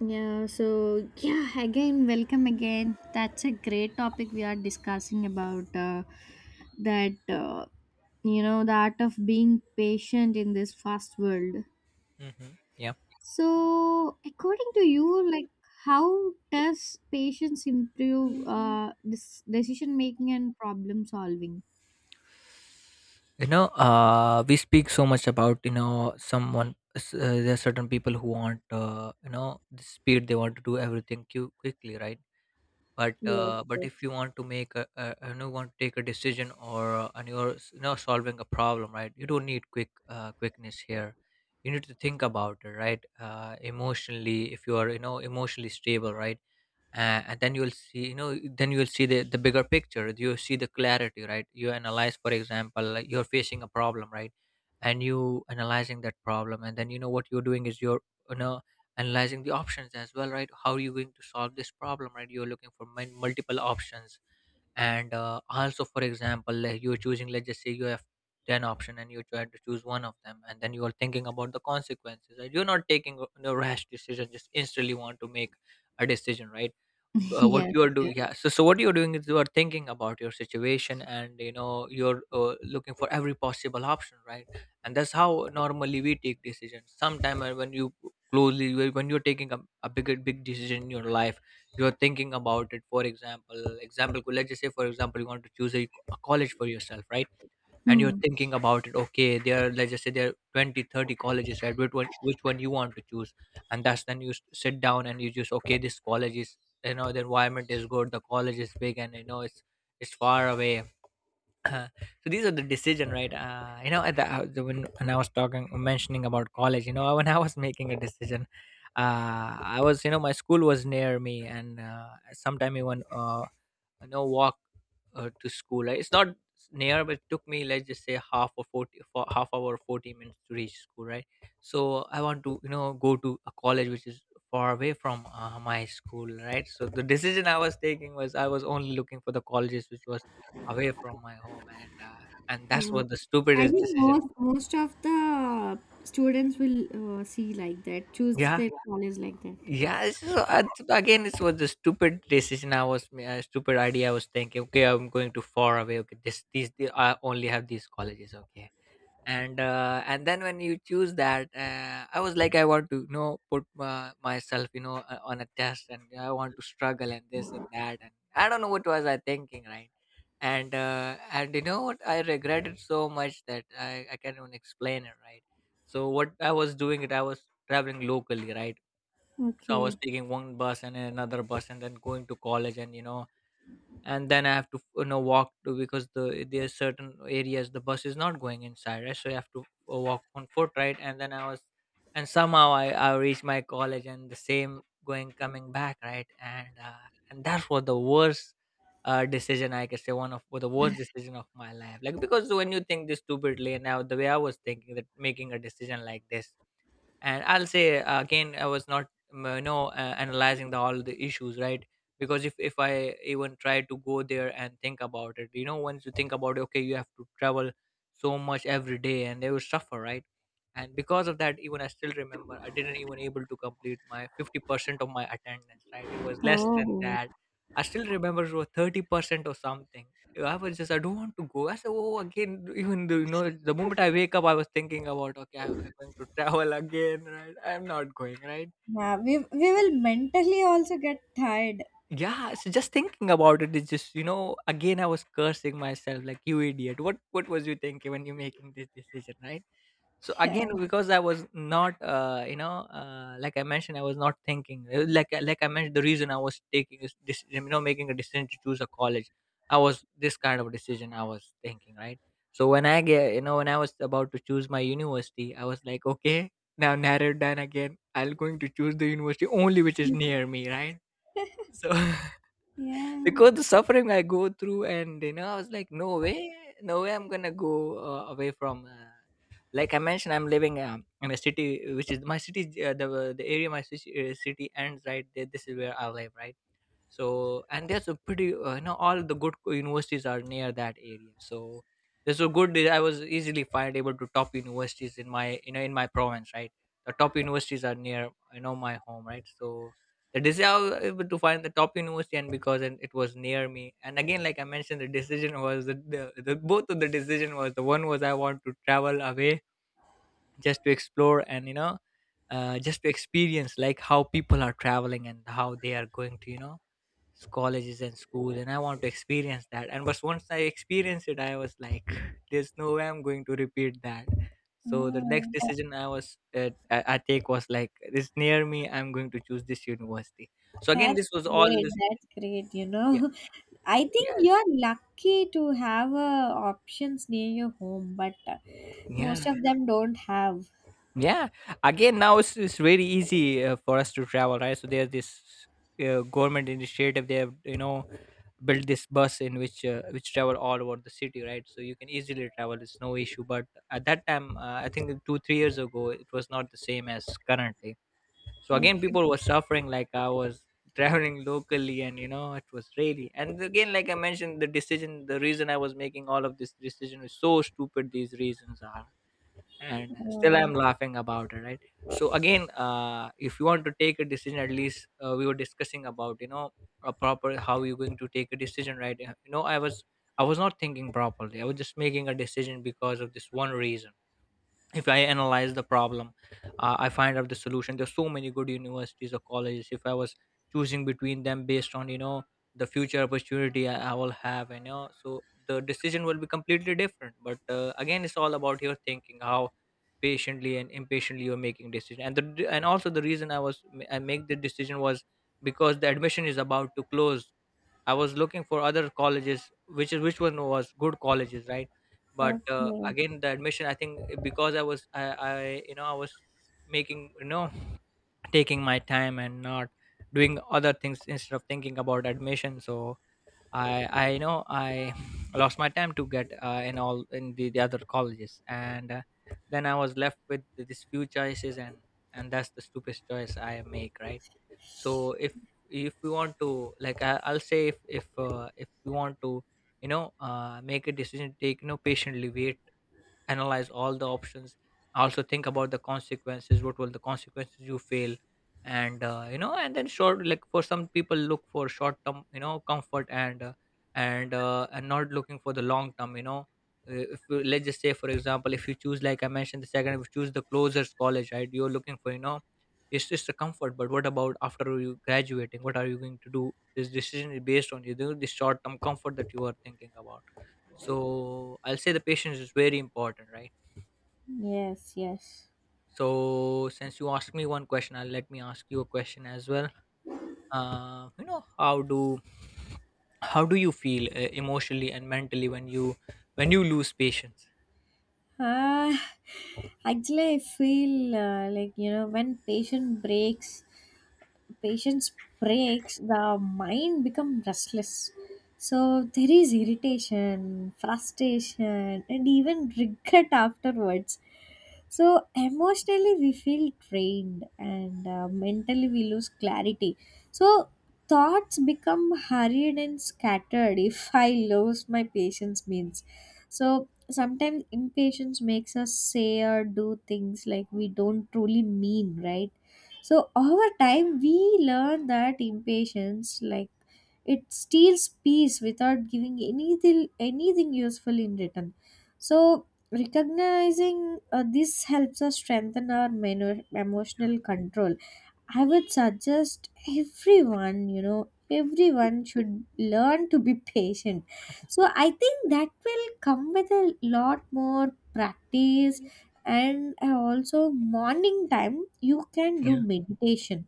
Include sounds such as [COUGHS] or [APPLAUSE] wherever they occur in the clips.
Yeah, so yeah, again, welcome again. That's a great topic we are discussing about that, uh, you know, the art of being patient in this fast world. Hmm. Yeah. So, according to you, like, how does patience improve this decision making and problem solving? We speak so much about there are certain people who want the speed. They want to do everything quickly, right? but Yes, uh, but if yes. you want to make a you know want to take a decision, or and you're solving a problem, right? You don't need quickness here. You need to think about it, right? Emotionally, if you are emotionally stable, right? And then you'll see you know then you'll see the bigger picture. You see the clarity, right? You analyze, for example, like you're facing a problem, right? And you analyzing that problem, and then you know what you're doing is you're you know analyzing the options as well, right? How are you going to solve this problem, right? You're looking for multiple options. And also, for example, like you're choosing, let's just say you have 10 option and you try to choose one of them, and then you are thinking about the consequences and you're not taking a no rash decision, just instantly want to make a decision, right? [LAUGHS] What you yes. are Yeah. doing, yeah, so what you're doing is you are thinking about your situation, and you're looking for every possible option, right? And that's how normally we take decisions sometime. When you closely when you're taking a big decision in your life, you're thinking about it. For example, let's just say, for example, you want to choose a college for yourself, right? And you're Hmm. thinking about it, okay, there are let's just say there are 20, 30 colleges, right? Which one you want to choose? And that's, then you sit down, and you just, okay, this college is, the environment is good, the college is big, and it's far away. [COUGHS] Uh, so these are the decision, right? When I was talking mentioning about college, when I was [LAUGHS] making a decision, I was you know my school was near me, and sometime even, know walk to school. Like, it's not near, but it took me, let's just say, for half hour or 40 minutes to reach school, right? So I want to go to a college which is far away from my school, right? So the decision I was taking was I was only looking for the colleges which was away from my home, and that's Uh, what the I stupidest think decision. most of the students will see like that, choose Yeah, their college like that. yeah, so again, this was the stupid decision I was, stupid idea I was thinking. Okay, I'm going too far away. Okay, this these I only have these colleges. Okay, and then when you choose that, I was like, I want to put myself on a test, and I want to struggle and this and that, and I don't know what was I thinking, right? And you know what, I regretted so much that I can't even explain it, right? So what I was doing it, I was traveling locally, right? So I was Okay. taking one bus and then another bus and then going to college, and and then I have to walk to because there's certain areas the bus is not going inside, right? So you have to walk on foot, right? And then I was and somehow I reached my college, and the same going coming back, right? And and that was the worst decision, I can say one of the worst decision of my life, like, because when you think this stupidly and now the way I was thinking that making a decision like this. And I'll say, again, I was not, analyzing the all the issues, right? Because if I even try to go there and think about it, once you think about it, okay, you have to travel so much every day and they will suffer, right? And because of that, even I still remember I didn't even able to complete my 50% of my attendance, right? It was less than Oh. that. I still remember it was 30% or something. I was just, I don't want to go. I said, oh, again, even though, the moment I wake up, I was thinking about, okay, I'm going to travel again, right? I'm not going, right? Yeah, we will mentally also get tired. Yeah, so just thinking about it is just, again, I was cursing myself like, you idiot. What was you thinking when you're making this decision, right? So Yeah. again, because I was not, like I mentioned, I was not thinking. Like I mentioned, the reason I was taking making a decision to choose a college, I was this kind of decision I was thinking, right? So when I get, you know, when I was about to choose my university, I was like, okay, now narrow it down again. I'm going to choose the university only which is near me, right? So. [LAUGHS] [LAUGHS] Yeah. Because the suffering I go through, and I was like, no way, no way, I'm gonna go away from. Like I mentioned, I'm living, in a city, which is my city, the area, my city ends right there. This is where I live, right? So and there's a pretty you know all the good universities are near that area. So there's a good I was easily find able to top universities in my you know in my province, right? The top universities are near my home, right? So the decision, I was able to find the top university. And because, and it was near me. And again, like I mentioned, the decision was the both of the decision was the one was I want to travel away just to explore, and just to experience, like how people are traveling and how they are going to, colleges and school, and I want to experience that. And but once I experienced it, I was like [LAUGHS] there's no way I'm going to repeat that. So the next That, decision, I take was like this near me, I'm going to choose this university. So again, that's this was all great. this. That's great, you Yeah, know. [LAUGHS] I think yeah, you're lucky to have options near your home, but most yeah, of them don't have. yeah. Again, now it's very easy for us to travel, right? So there's this government initiative. They have, built this bus in which travel all over the city, right? So you can easily travel. It's no issue. But at that time, I think 2, 3 years ago, it was not the same as currently. So again, Okay. people were suffering. Like I was [LAUGHS] traveling locally, and it was really. And again, like I mentioned, the decision, the reason I was making all of this decision is so stupid. These reasons are, and still Uh, I'm laughing about it, right? So again, if you want to take a decision, at least, we were discussing about, a proper how you're going to take a decision, right? I was not thinking properly. I was just making a decision because of this one reason. If I analyze the problem, I find out the solution. There's so many good universities or colleges. If I was choosing between them based on, the future opportunity I will have, and so the decision will be completely different. But again, it's all about your thinking, how patiently and impatiently you're making decision. And also the reason I make the decision was because the admission is about to close. I was looking for other colleges, which one was good colleges, right? But okay. again, the admission, I think, because I was making, taking my time and not doing other things instead of thinking about admission. So I know I [SIGHS] lost my time to get in all in the other colleges, and then I was left with these few choices, and that's the stupidest choice I make, right? So if we want to, like, I'll say, if we want to make a decision, take, patiently wait, analyze all the options, also think about the consequences, what will the consequences, you fail. And you know and then short like For some people, look for short term comfort, and not looking for the long term, If you, let's just say, for example, if you choose, like I mentioned, the second, if you choose the closest college, right, you're looking for, it's just a comfort. But what about after you graduating? What are you going to do? This decision is based on, this short term comfort that you are thinking about. So I'll say the patience is very important, right? Yes, yes. So since you asked me one question, I'll let me ask you a question as well. Uh, you know, how do how do you feel emotionally and mentally when you lose patience? Uh, Actually, I feel like you know when patient breaks, patience breaks, the mind become restless. So there is irritation, frustration, and even regret afterwards. So emotionally, we feel drained, and mentally, we lose clarity. So thoughts become hurried and scattered if [LAUGHS] I lose my patience means. So sometimes impatience makes us say or do things like we don't truly mean, right? So over time, we learn that impatience, like it steals peace without giving anything useful in return. So recognizing this helps us strengthen our emotional control. I would suggest everyone, you know, everyone should learn to be patient. So I think that will come with a lot more practice, and also morning time you can Yeah. do meditation.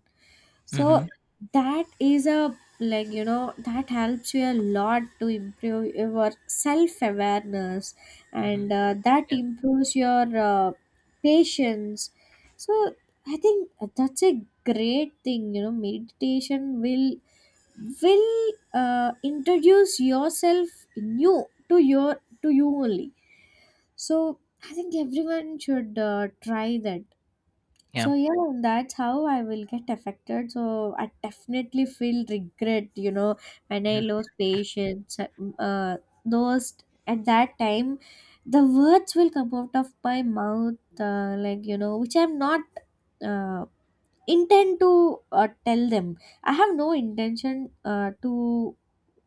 Mm-hmm. So that is a, like you know, that helps you a lot to improve your self awareness, Mm-hmm. and that Yeah. improves your patience. So I think that's a great thing. You know, meditation will introduce yourself new to you only. So I think everyone should try that. Yeah. So yeah, that's how I will get affected. So I definitely feel regret, you know, when I Yeah. lose patience. Uh, those at that time, the words will come out of my mouth, like you know, which I'm not uh, intend to tell them. I have no intention to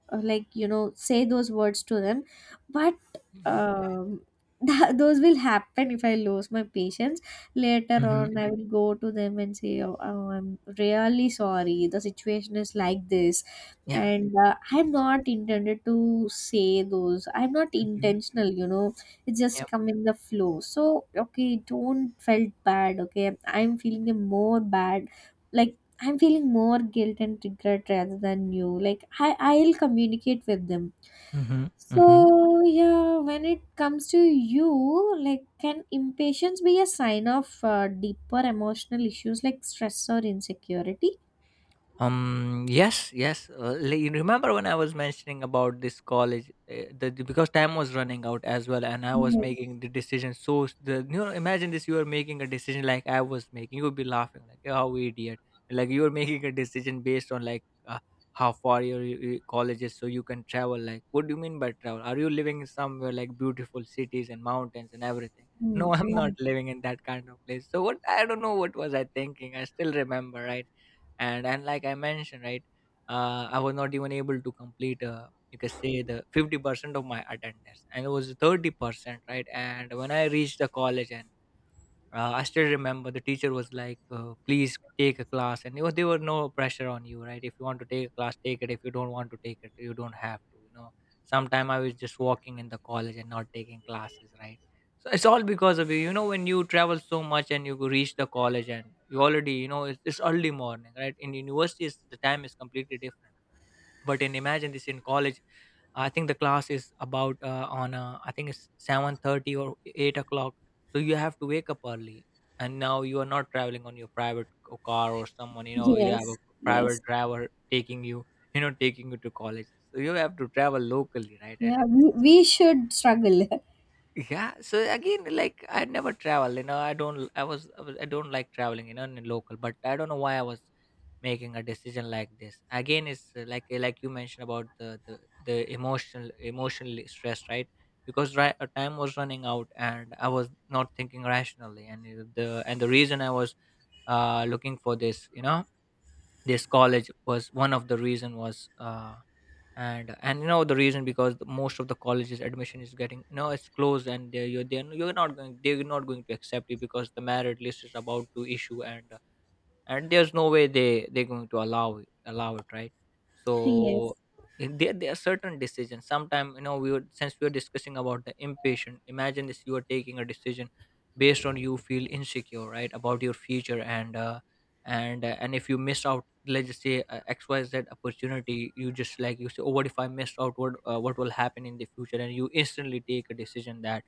like you know say those words to them, but Yeah. um, [LAUGHS] that, those will happen if I lose my patience. Later Mm-hmm. on I will go to them and say, oh, oh, I'm really sorry, the situation is like this, Yeah. and I'm not intended to say those, I'm not Mm-hmm. intentional, you know. It Yeah. just come in the flow, so okay, don't felt bad, okay, I'm feeling a more bad, like I'm feeling more guilt and regret rather than you. Like I, I'll communicate with them. Mm-hmm. Mm-hmm. So yeah, when it comes to you, like can impatience be a sign of deeper emotional issues like stress or insecurity? Yes. Yes. Li- you remember when I was mentioning about this college, because time was running out as well, and I was Yes. making the decision. So the, imagine this: you are making a decision like I was making. You would be laughing like, "Oh, idiot!" Like you are making a decision based on, like, how far your college is, so you can travel. Like, what do you mean by travel? Are you living in somewhere like beautiful cities and mountains and everything? Mm, No, [LAUGHS] I'm not mm. living in that kind of place. So what? I don't know what was I thinking. I still remember, right? And like I mentioned, right, I was not even able to complete, you can say, the 50% of my attendance, and it was 30%, right? And when I reached the college, and I still remember the teacher was like, "Please take a class," and it was, there were no pressure on you, right? If you want to take a class, take it. If you don't want to take it, you don't have to. You know, sometime I was just walking in the college and not taking classes, right? So it's all because of you. You know, when you travel so much and you reach the college and you already, you know, it's early morning, right? In university, it's, the time is completely different, but in, imagine this, in college, I think the class is about, on I think it's 7:30 or 8 o'clock. So you have to wake up early, and now you are not traveling on your private car, or, someone, [LAUGHS] you know, you have a Yes. private Yes. driver taking you, you know, taking you to college. So you have to travel locally, right? And Yeah, it's, we should struggle. yeah. So again, like, I never travel, you know. I don't i was was, I don't like traveling, you know, in local. But I don't know why I was making a decision like this. Again, it's, like you mentioned, about the emotional, emotionally stress, right? Because, right, time was running out and I was not thinking rationally. And the reason I was looking for this, you know, this college, was, one of the reason was, and you know, the reason, because the, most of the colleges admission is getting, you know, it's closed, and they're not going to accept you, because the merit list is about to issue, and there's no way they, they're going to allow it, right? [LAUGHS] yes. So if there, there are certain decisions sometimes, you know, we would, since we were discussing about the impatient, imagine this, you are taking a decision based on, you feel insecure, right, about your future, and if you miss out, let's just say, xyz opportunity, you just, like you say, "Oh, what if I miss out, what will happen in the future?" And you instantly take a decision that,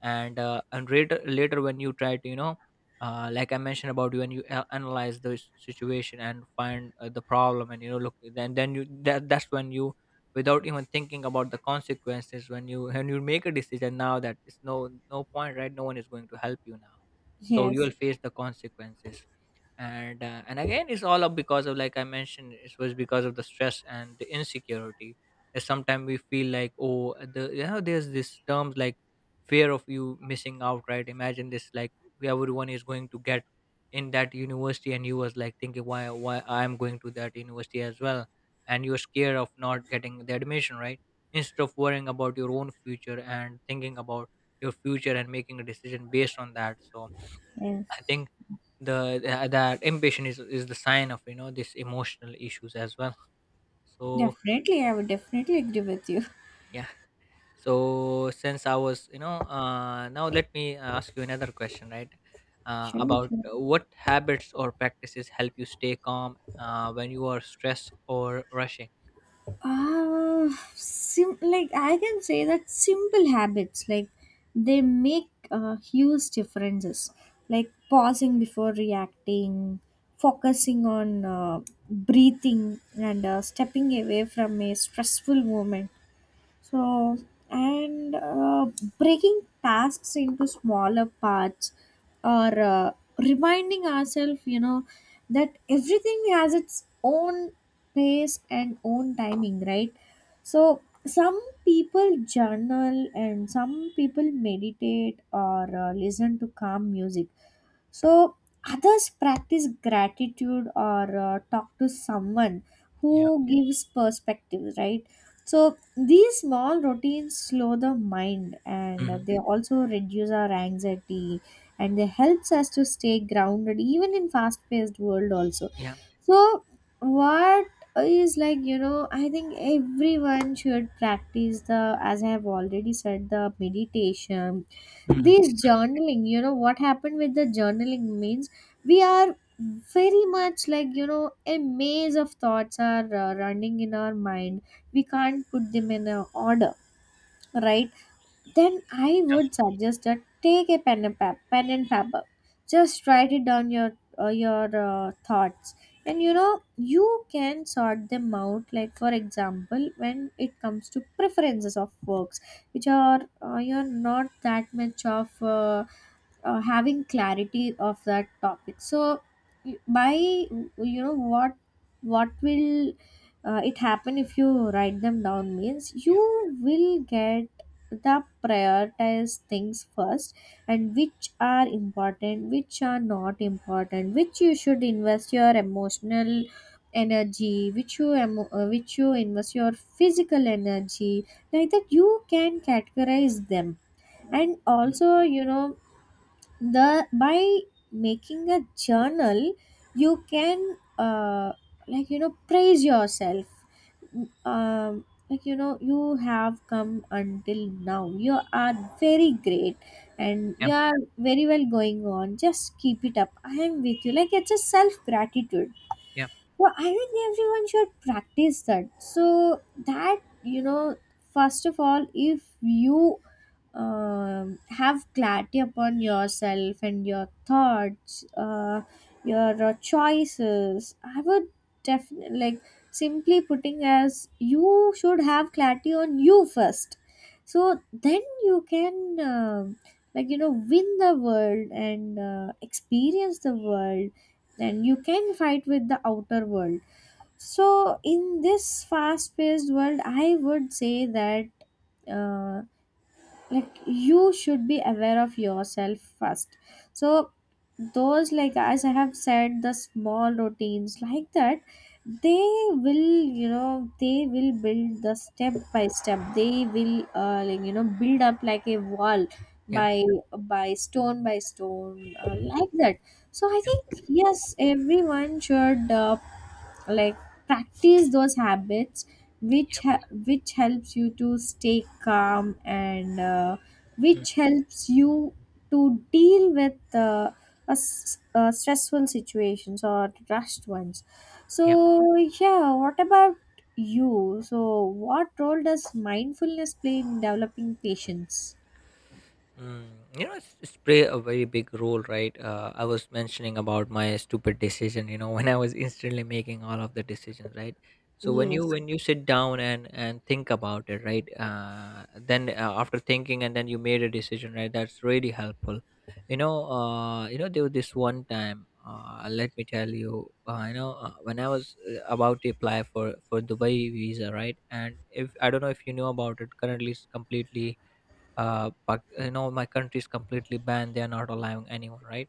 and later, later when you try to, you know, like I mentioned about, you and you analyze the situation and find, the problem, and, you know, look, then you that's when you, without even thinking about the consequences, when you, when you make a decision now, that it's no, no point, right? No one is going to help you now. So you will Yes. face the consequences. And again, it's all up because of, like I mentioned, it was because of the stress and the insecurity. Sometimes we feel like, oh, the, you know, there's this terms like fear of you missing out, right? Imagine this, like, everyone is going to get in that university, and you was like thinking, why I'm going to that university as well, and you're scared of not getting the admission, right, instead of worrying about your own future and thinking about your future and making a decision based on that. So I Yes. think that ambition is the sign of, you know, this emotional issues as well. So, Definitely, I would definitely agree with you. yeah. So since I was, you know, now let me, ask you another question, right, [LAUGHS] Sure, about, sure. What habits or practices help you stay calm, when you are stressed or rushing? Uh, like I can say that simple habits like they make huge differences. Like pausing before reacting, focusing on breathing, and stepping away from a stressful moment. So, and breaking tasks into smaller parts or reminding ourselves, you know, that everything has its own pace and own timing, right? So, some people journal and some people meditate or listen to calm music. So, others practice gratitude or talk to someone Yeah. who gives perspective, right? So these small routines slow the mind Hmm. and they also reduce our anxiety, and they helps us to stay grounded even in fast paced world also. Yeah. So what is, like you know, I think everyone should practice the, as I have already said, the meditation, Hmm. this journaling. You know, what happened with the journaling means we are very much like, you know, a maze of thoughts are running in our mind. We can't put them in a order, right? Then I would Yeah. suggest that take a pen and, pen and paper. Just write it down your thoughts. And you know, you can sort them out. Like, for example, when it comes to preferences of works, which are you're not that much of having clarity of that topic, so by, you know, what will it happen if you write them down means you will get the prioritized things first, and which are important, which are not important, which you should invest your emotional energy, which you which you invest your physical energy. Like that you can categorize them, and also, Mhm. you know, the by making a journal you can like you know praise yourself, um, like you know you have come until now, you are very great, and Yeah. you are very well going on, just keep it up, I am with you, like it's a self gratitude. Yeah. Well I think everyone should practice that so that you know, first of all, if you have clarity upon yourself and your thoughts, your choices. I would definitely like simply putting, as you should have clarity on you first. So then you can like you know win the world and experience the world, and you can fight with the outer world. So in this fast-paced world, I would say that. Uh, like you should be aware of yourself first, so those like as I have said the small routines like that, they will, you know, they will build the step by step, they will like you know build up like a wall Yeah. by by stone like that. So I Yeah. think yes, everyone should like practice those habits which Yeah. Which helps you to stay calm, and Mhm. which helps you to deal with stressful situations or rushed ones. So Mhm. yeah, what about you? So what role does mindfulness play in developing patience? Mm, you know, it's play a very big role, right? I was mentioning about my stupid decision. You know, [LAUGHS] when I was instantly making all of the decisions, right? So when you, Yes. when you sit down and think about it, right? Then, after thinking and then you made a decision, right? That's really helpful. You know, there was this one time. Let me tell you, when I was, about to apply for Dubai visa, right? And if, I don't know if you know about it, currently it's completely, you know, my country is completely banned, they are not allowing anyone, right?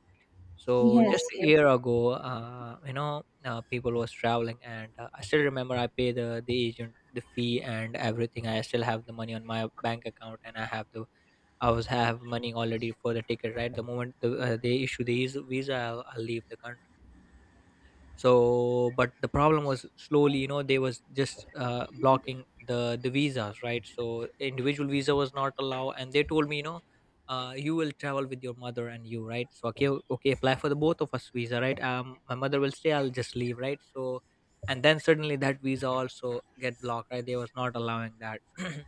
So Yes, just a yes, year ago, people was traveling, and I still remember, I pay the agent the fee and everything. I still have the money on my bank account and I have the, I was have money already for the ticket, right? The moment they issue visa, I'll leave the country. So but the problem was, slowly, you know, they was just, blocking the visas, right? So individual visa was not allowed, and they told me, you know, you will travel with your mother and you, right? So okay, okay, apply for the both of us visa, right? Um, my mother will stay, I'll just leave, right? So, and then suddenly that visa also get blocked, right? They was not allowing that. [CLEARS THROAT]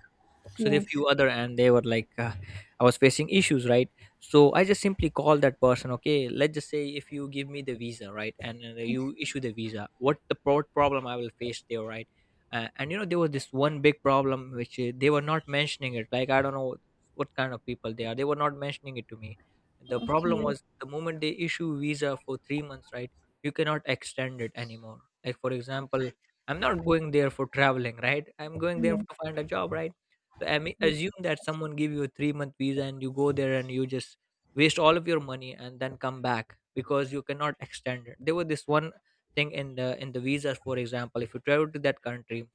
So there are yes, few other, and they were like, I was facing issues, right? So I just simply called that person, okay, let's just say if you give me the visa, right, and, you issue the visa, what the problem I will face there, right? And you know, there was this one big problem which, they were not mentioning it. Like, I don't know what kind of people they are, they were not mentioning it to me. The problem okay, was, the moment they issue visa for 3 months, right, you cannot extend it anymore. Like, for example, I'm not going there for traveling, right, I'm going there yes, to find a job, right? So I mean, assume that someone give you a 3 month visa, and you go there and you just waste all of your money and then come back, because you cannot extend it. There was this one thing in the, in the visas, for example, if you travel to that country,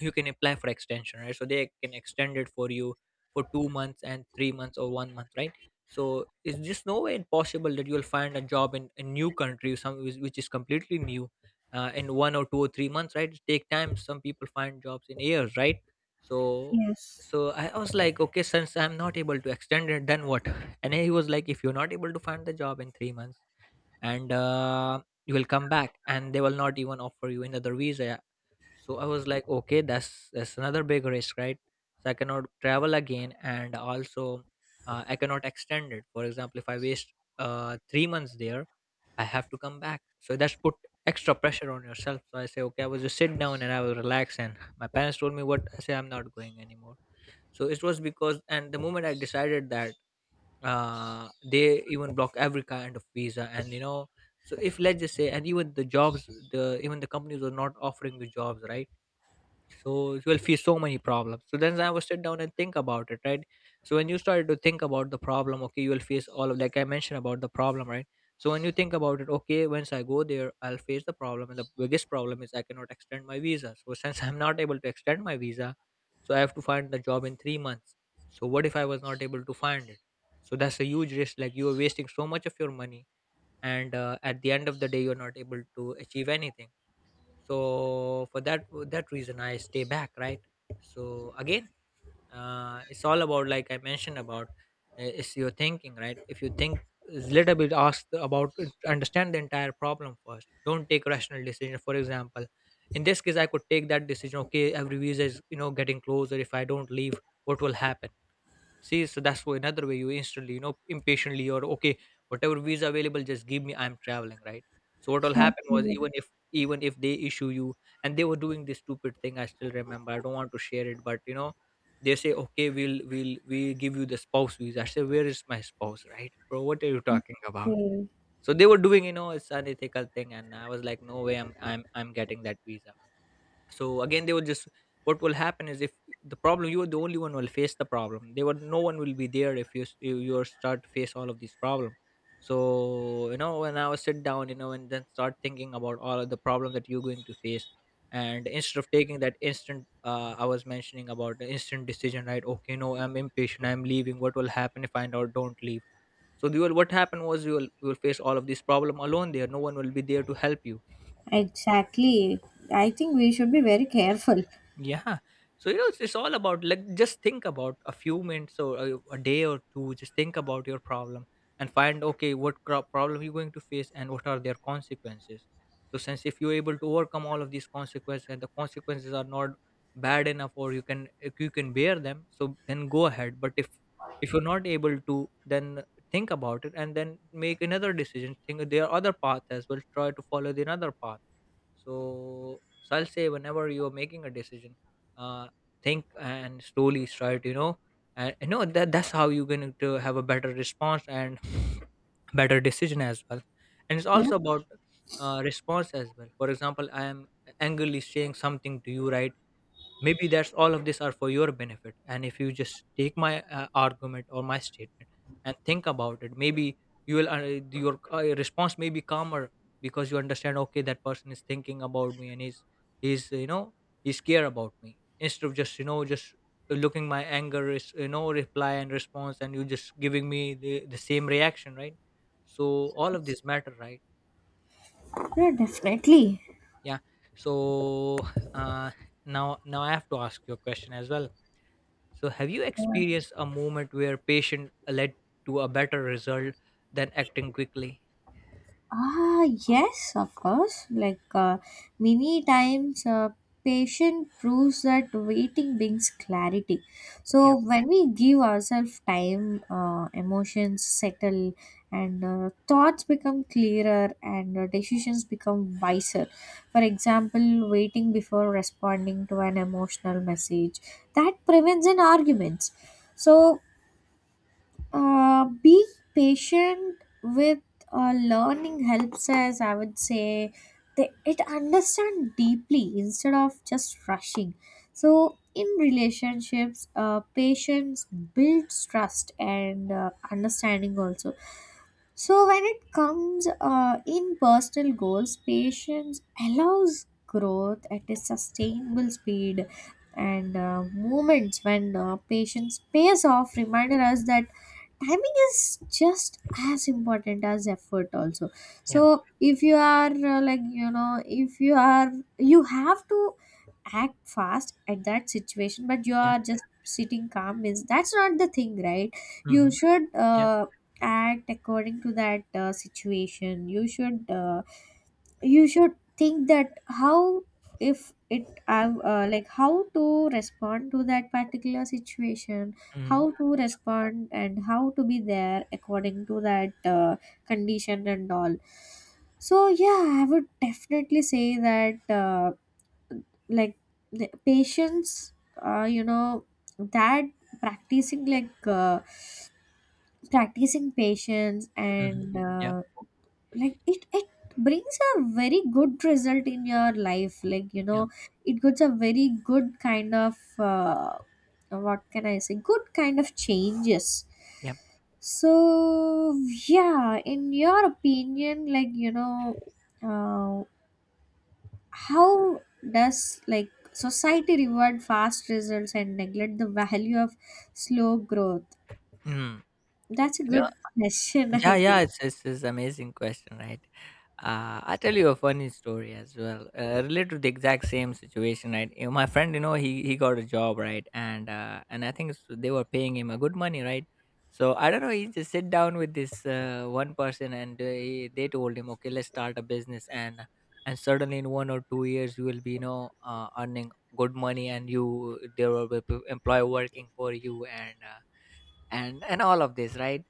you can apply for extension, right, so they can extend it for you for 2 months and 3 months or 1 month, right? So it's just no way possible that you'll find a job in a new country, some, which is completely new, in 1 or 2 or 3 months, right? It take time. Some people find jobs in years, right? So, yes, so I was like, okay, since I'm not able to extend it, then what? And he was like, if you're not able to find the job in 3 months, and you will come back and they will not even offer you another visa. Yeah. So I was like, okay, that's another big risk, right? So I cannot travel again, and also I cannot extend it. For example, if I waste 3 months there, I have to come back, so that's put extra pressure on yourself. So I say, okay, I will just sit down and I will relax, and my parents told me, what I say, I'm not going anymore. So it was because, and the moment I decided that, they even block every kind of visa, and you know, so if let's just say, and even the jobs, the even the companies were not offering the jobs, right? So you will face so many problems. So then I was sit down and think about it, right? So when you started to think about the problem, okay, you will face all of, like I mentioned about the problem, right? So when you think about it, okay, once I go there, I'll face the problem, and the biggest problem is I cannot extend my visa. So [LAUGHS] since I'm not able to extend my visa, so I have to find the job in 3 months. So what if I was not able to find it? So that's a huge risk, like you are wasting so much of your money, and at the end of the day, you're not able to achieve anything. So for that reason, I stay back, right? So again, it's all about, like I mentioned about, it's your thinking, right? If you think a little bit, ask about it, understand the entire problem first. Don't take rational decision. For example, in this case, I could take that decision, okay, every visa is, you know, getting closer. If I don't leave, what will happen? See, so that's why another way you instantly, you know, impatiently or okay, whatever visa available, just give me. I'm traveling, right? So what will sure. happen was, even if they issue you, and they were doing this stupid thing, I still remember. I don't want to share it, but you know, they say okay, we'll we give you the spouse visa. I say, where is my spouse, right, bro? What are you talking about? Okay. So they were doing, you know, it's unethical thing, and I was like, no way, I'm getting that visa. So again they will just, what will happen is if the problem, you are the only one will face the problem, they will, no one will be there, if you you are start to face all of these problem. So you know, when I was sit down, you know, and then start thinking about all of the problem that you're going to face, and instead of taking that instant, I was mentioning about the instant decision, right? Okay, no, I'm impatient, I'm leaving. What will happen if I do don't leave? So you will, what happened was, you will face all of these problem alone, there no one will be there to help you. Exactly. I think we should be very careful. Yeah. So you know, it's all about, like just think about a few minutes or a day or two. Just think about your problem and find, okay, what problem you're going to face and what are their consequences. So since, if you're able to overcome all of these consequences and the consequences are not bad enough, or you can, if you can bear them, so then go ahead. But if you're not able to, then think about it and then make another decision. Think there are other paths as well. Try to follow the another path. So, so I'll say whenever you're making a decision, uh, think and slowly start, you know, and you know that that's how you're going to have a better response and [SNIFFS] better decision as well. And it's Yeah, also about response as well. For example, I am angrily saying something to you, right? Maybe that's all of this are for your benefit, and if you just take my argument or my statement and think about it, maybe you will your response may be calmer, because you understand, okay, that person is thinking about me, and he's, you know, he's care about me, instead of just, you know, just looking my anger is, you know, reply and response, and you just giving me the same reaction, right? So all of this matter, right? yeah definitely. Yeah. So uh now I have to ask you a question as well. So, have you experienced a moment where patient led to a better result than acting quickly? Ah, yes, of course. Like many times, patient proves that waiting brings clarity. Yeah, So when we give ourselves time, emotions settle, and thoughts become clearer, and decisions become wiser. For example, waiting before responding to an emotional message, that prevents an arguments. So being patient with learning helps us, I would say, they, it understand deeply instead of just rushing. So, in relationships, patience builds trust and understanding also. So, when it comes in personal goals, patience allows growth at a sustainable speed. And moments when patience pays off remind us that timing is just as important as effort also. yeah, So if you are like you know, if you are, you have to act fast at that situation but you yeah, are just sitting calm means, that's not the thing, right? You mm-hmm, should yeah, act according to that situation. You should you should think that how, if it have like how to respond to that particular situation, mm-hmm, how to respond and how to be there according to that condition and all. So yeah, I would definitely say that like the patience, you know, that practicing like practicing patience, mm-hmm, and yeah, like it brings a very good result in your life, like you yeah, know, it gives a very good kind of what can I say, good kind of changes. yeah. So yeah, in your opinion, like you know, uh, how does like society reward fast results and neglect the value of slow growth? Mm. That's a You good know, [LAUGHS] question, yeah, I yeah. think. It's amazing question, right? I tell you a funny story as well, related to the exact same situation. Right, you know, my friend, you know, he got a job, right, and I think they were paying him a good money, right. So I don't know. He just sit down with this one person, and they told him, okay, let's start a business, and suddenly in 1 or 2 years you will be, you know, earning good money, and you there will be employee working for you, and and all of this, right.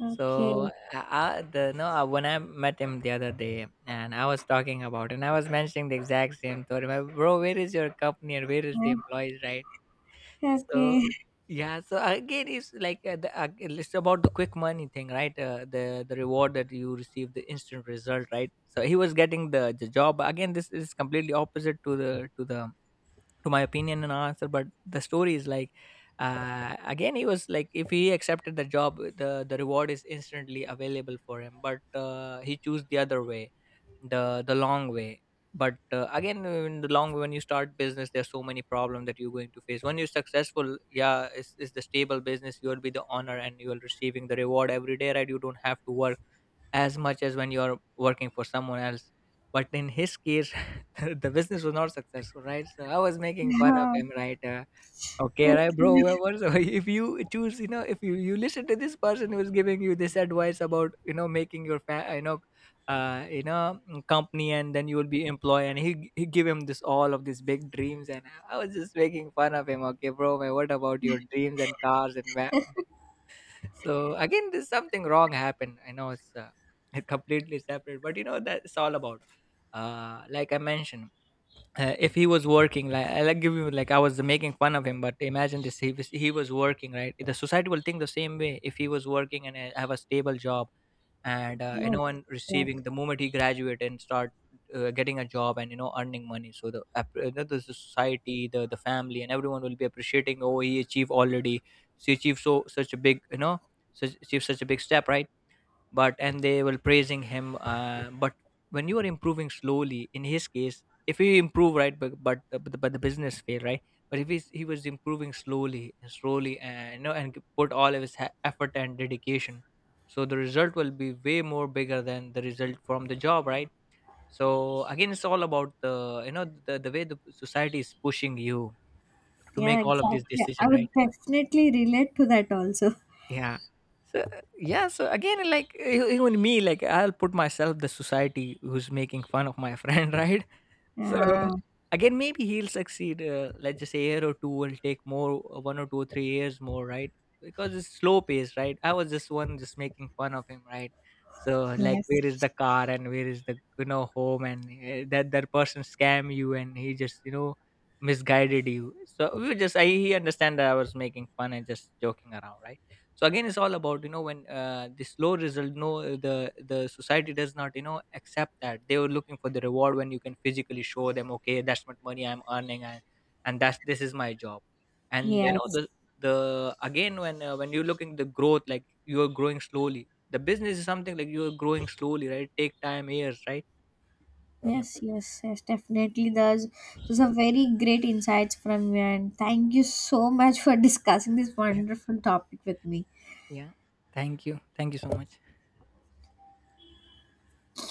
Okay. So I the no I, when I met him the other day and I was talking about, and I was mentioning the exact same thought. My bro, where is your company and where is the Uh, employees, right? So okay. yeah, so again, it's like it's about the quick money thing, right? The reward that you receive, the instant result, right? So he was getting the job again. This is completely opposite to the to my opinion and answer, but the story is like, again, he was like, if he accepted the job, the reward is instantly available for him, but he chose the other way, the long way. But again, in the long way, when you start business, there's so many problems that you're going to face. When you're successful, yeah, it's the stable business, you'll be the honor and you'll receiving the reward every day, right? You don't have to work as much as when you're working for someone else. But in his case, [LAUGHS] the business was not successful, right? So I was making fun of him, [LAUGHS] right? Okay, right, bro. Yes, Well, what's, [LAUGHS] if you choose, you know, if you, you listen to this person who is giving you this advice about, you know, making your, you know, company, and then you will be employed. And he give him this all of these big dreams. And I was just making fun of him. Okay, bro, man, what about your dreams and cars and so again this something wrong happened, I know it's [LAUGHS] completely separate, but you know, that's all about, like I mentioned, if he was working, like I'll give you, like I was making fun of him, but imagine this, he was working, right? The society will think the same way if he was working and have a stable job and you yes, know, and yes. receiving the moment he graduate and start getting a job and you know earning money. So the the society, the family and everyone will be appreciating, oh, he achieved already, she achieved so such a big, you know, such achieved such a big step, right? But, and they were praising him, but when you are improving slowly, in his case, if he improve, right, but the business fail, right? But if he was improving slowly and slowly, and you know, and put all of his effort and dedication, so the result will be way more bigger than the result from the job, right? So again, it's all about the, you know, the way the society is pushing you to Yeah, make all of these exactly. I decision, would right? definitely relate to that also. Yeah. So yeah, so again, like even me, like I'll put myself the society who's making fun of my friend, [LAUGHS] right? So Ah, again, maybe he'll succeed. Let's just say year or two will take more, 1 or 2 or 3 years more, right? Because it's slow pace, right? I was just one just making fun of him, right? So like, where is yes, the car and where is the, you know, home, and that person scam you, and he just, you know, misguided you. So we were just, I he understand that I was making fun and just joking around, right? So again, it's all about, you know, when the slow result no the the society does not, you know, accept that. They were looking for the reward when you can physically show them, okay, that's what money I'm earning, and that's this is my job, and you know, yes, the again, when you're looking the growth, like you're growing slowly, the business is something like, you're growing slowly, right? Take time years, right? Yeah, yes, yes, yes, definitely. There's, those are very great insights from you, and thank you so much for [LAUGHS] discussing this yeah, wonderful topic with me. yeah, thank you, thank you so much.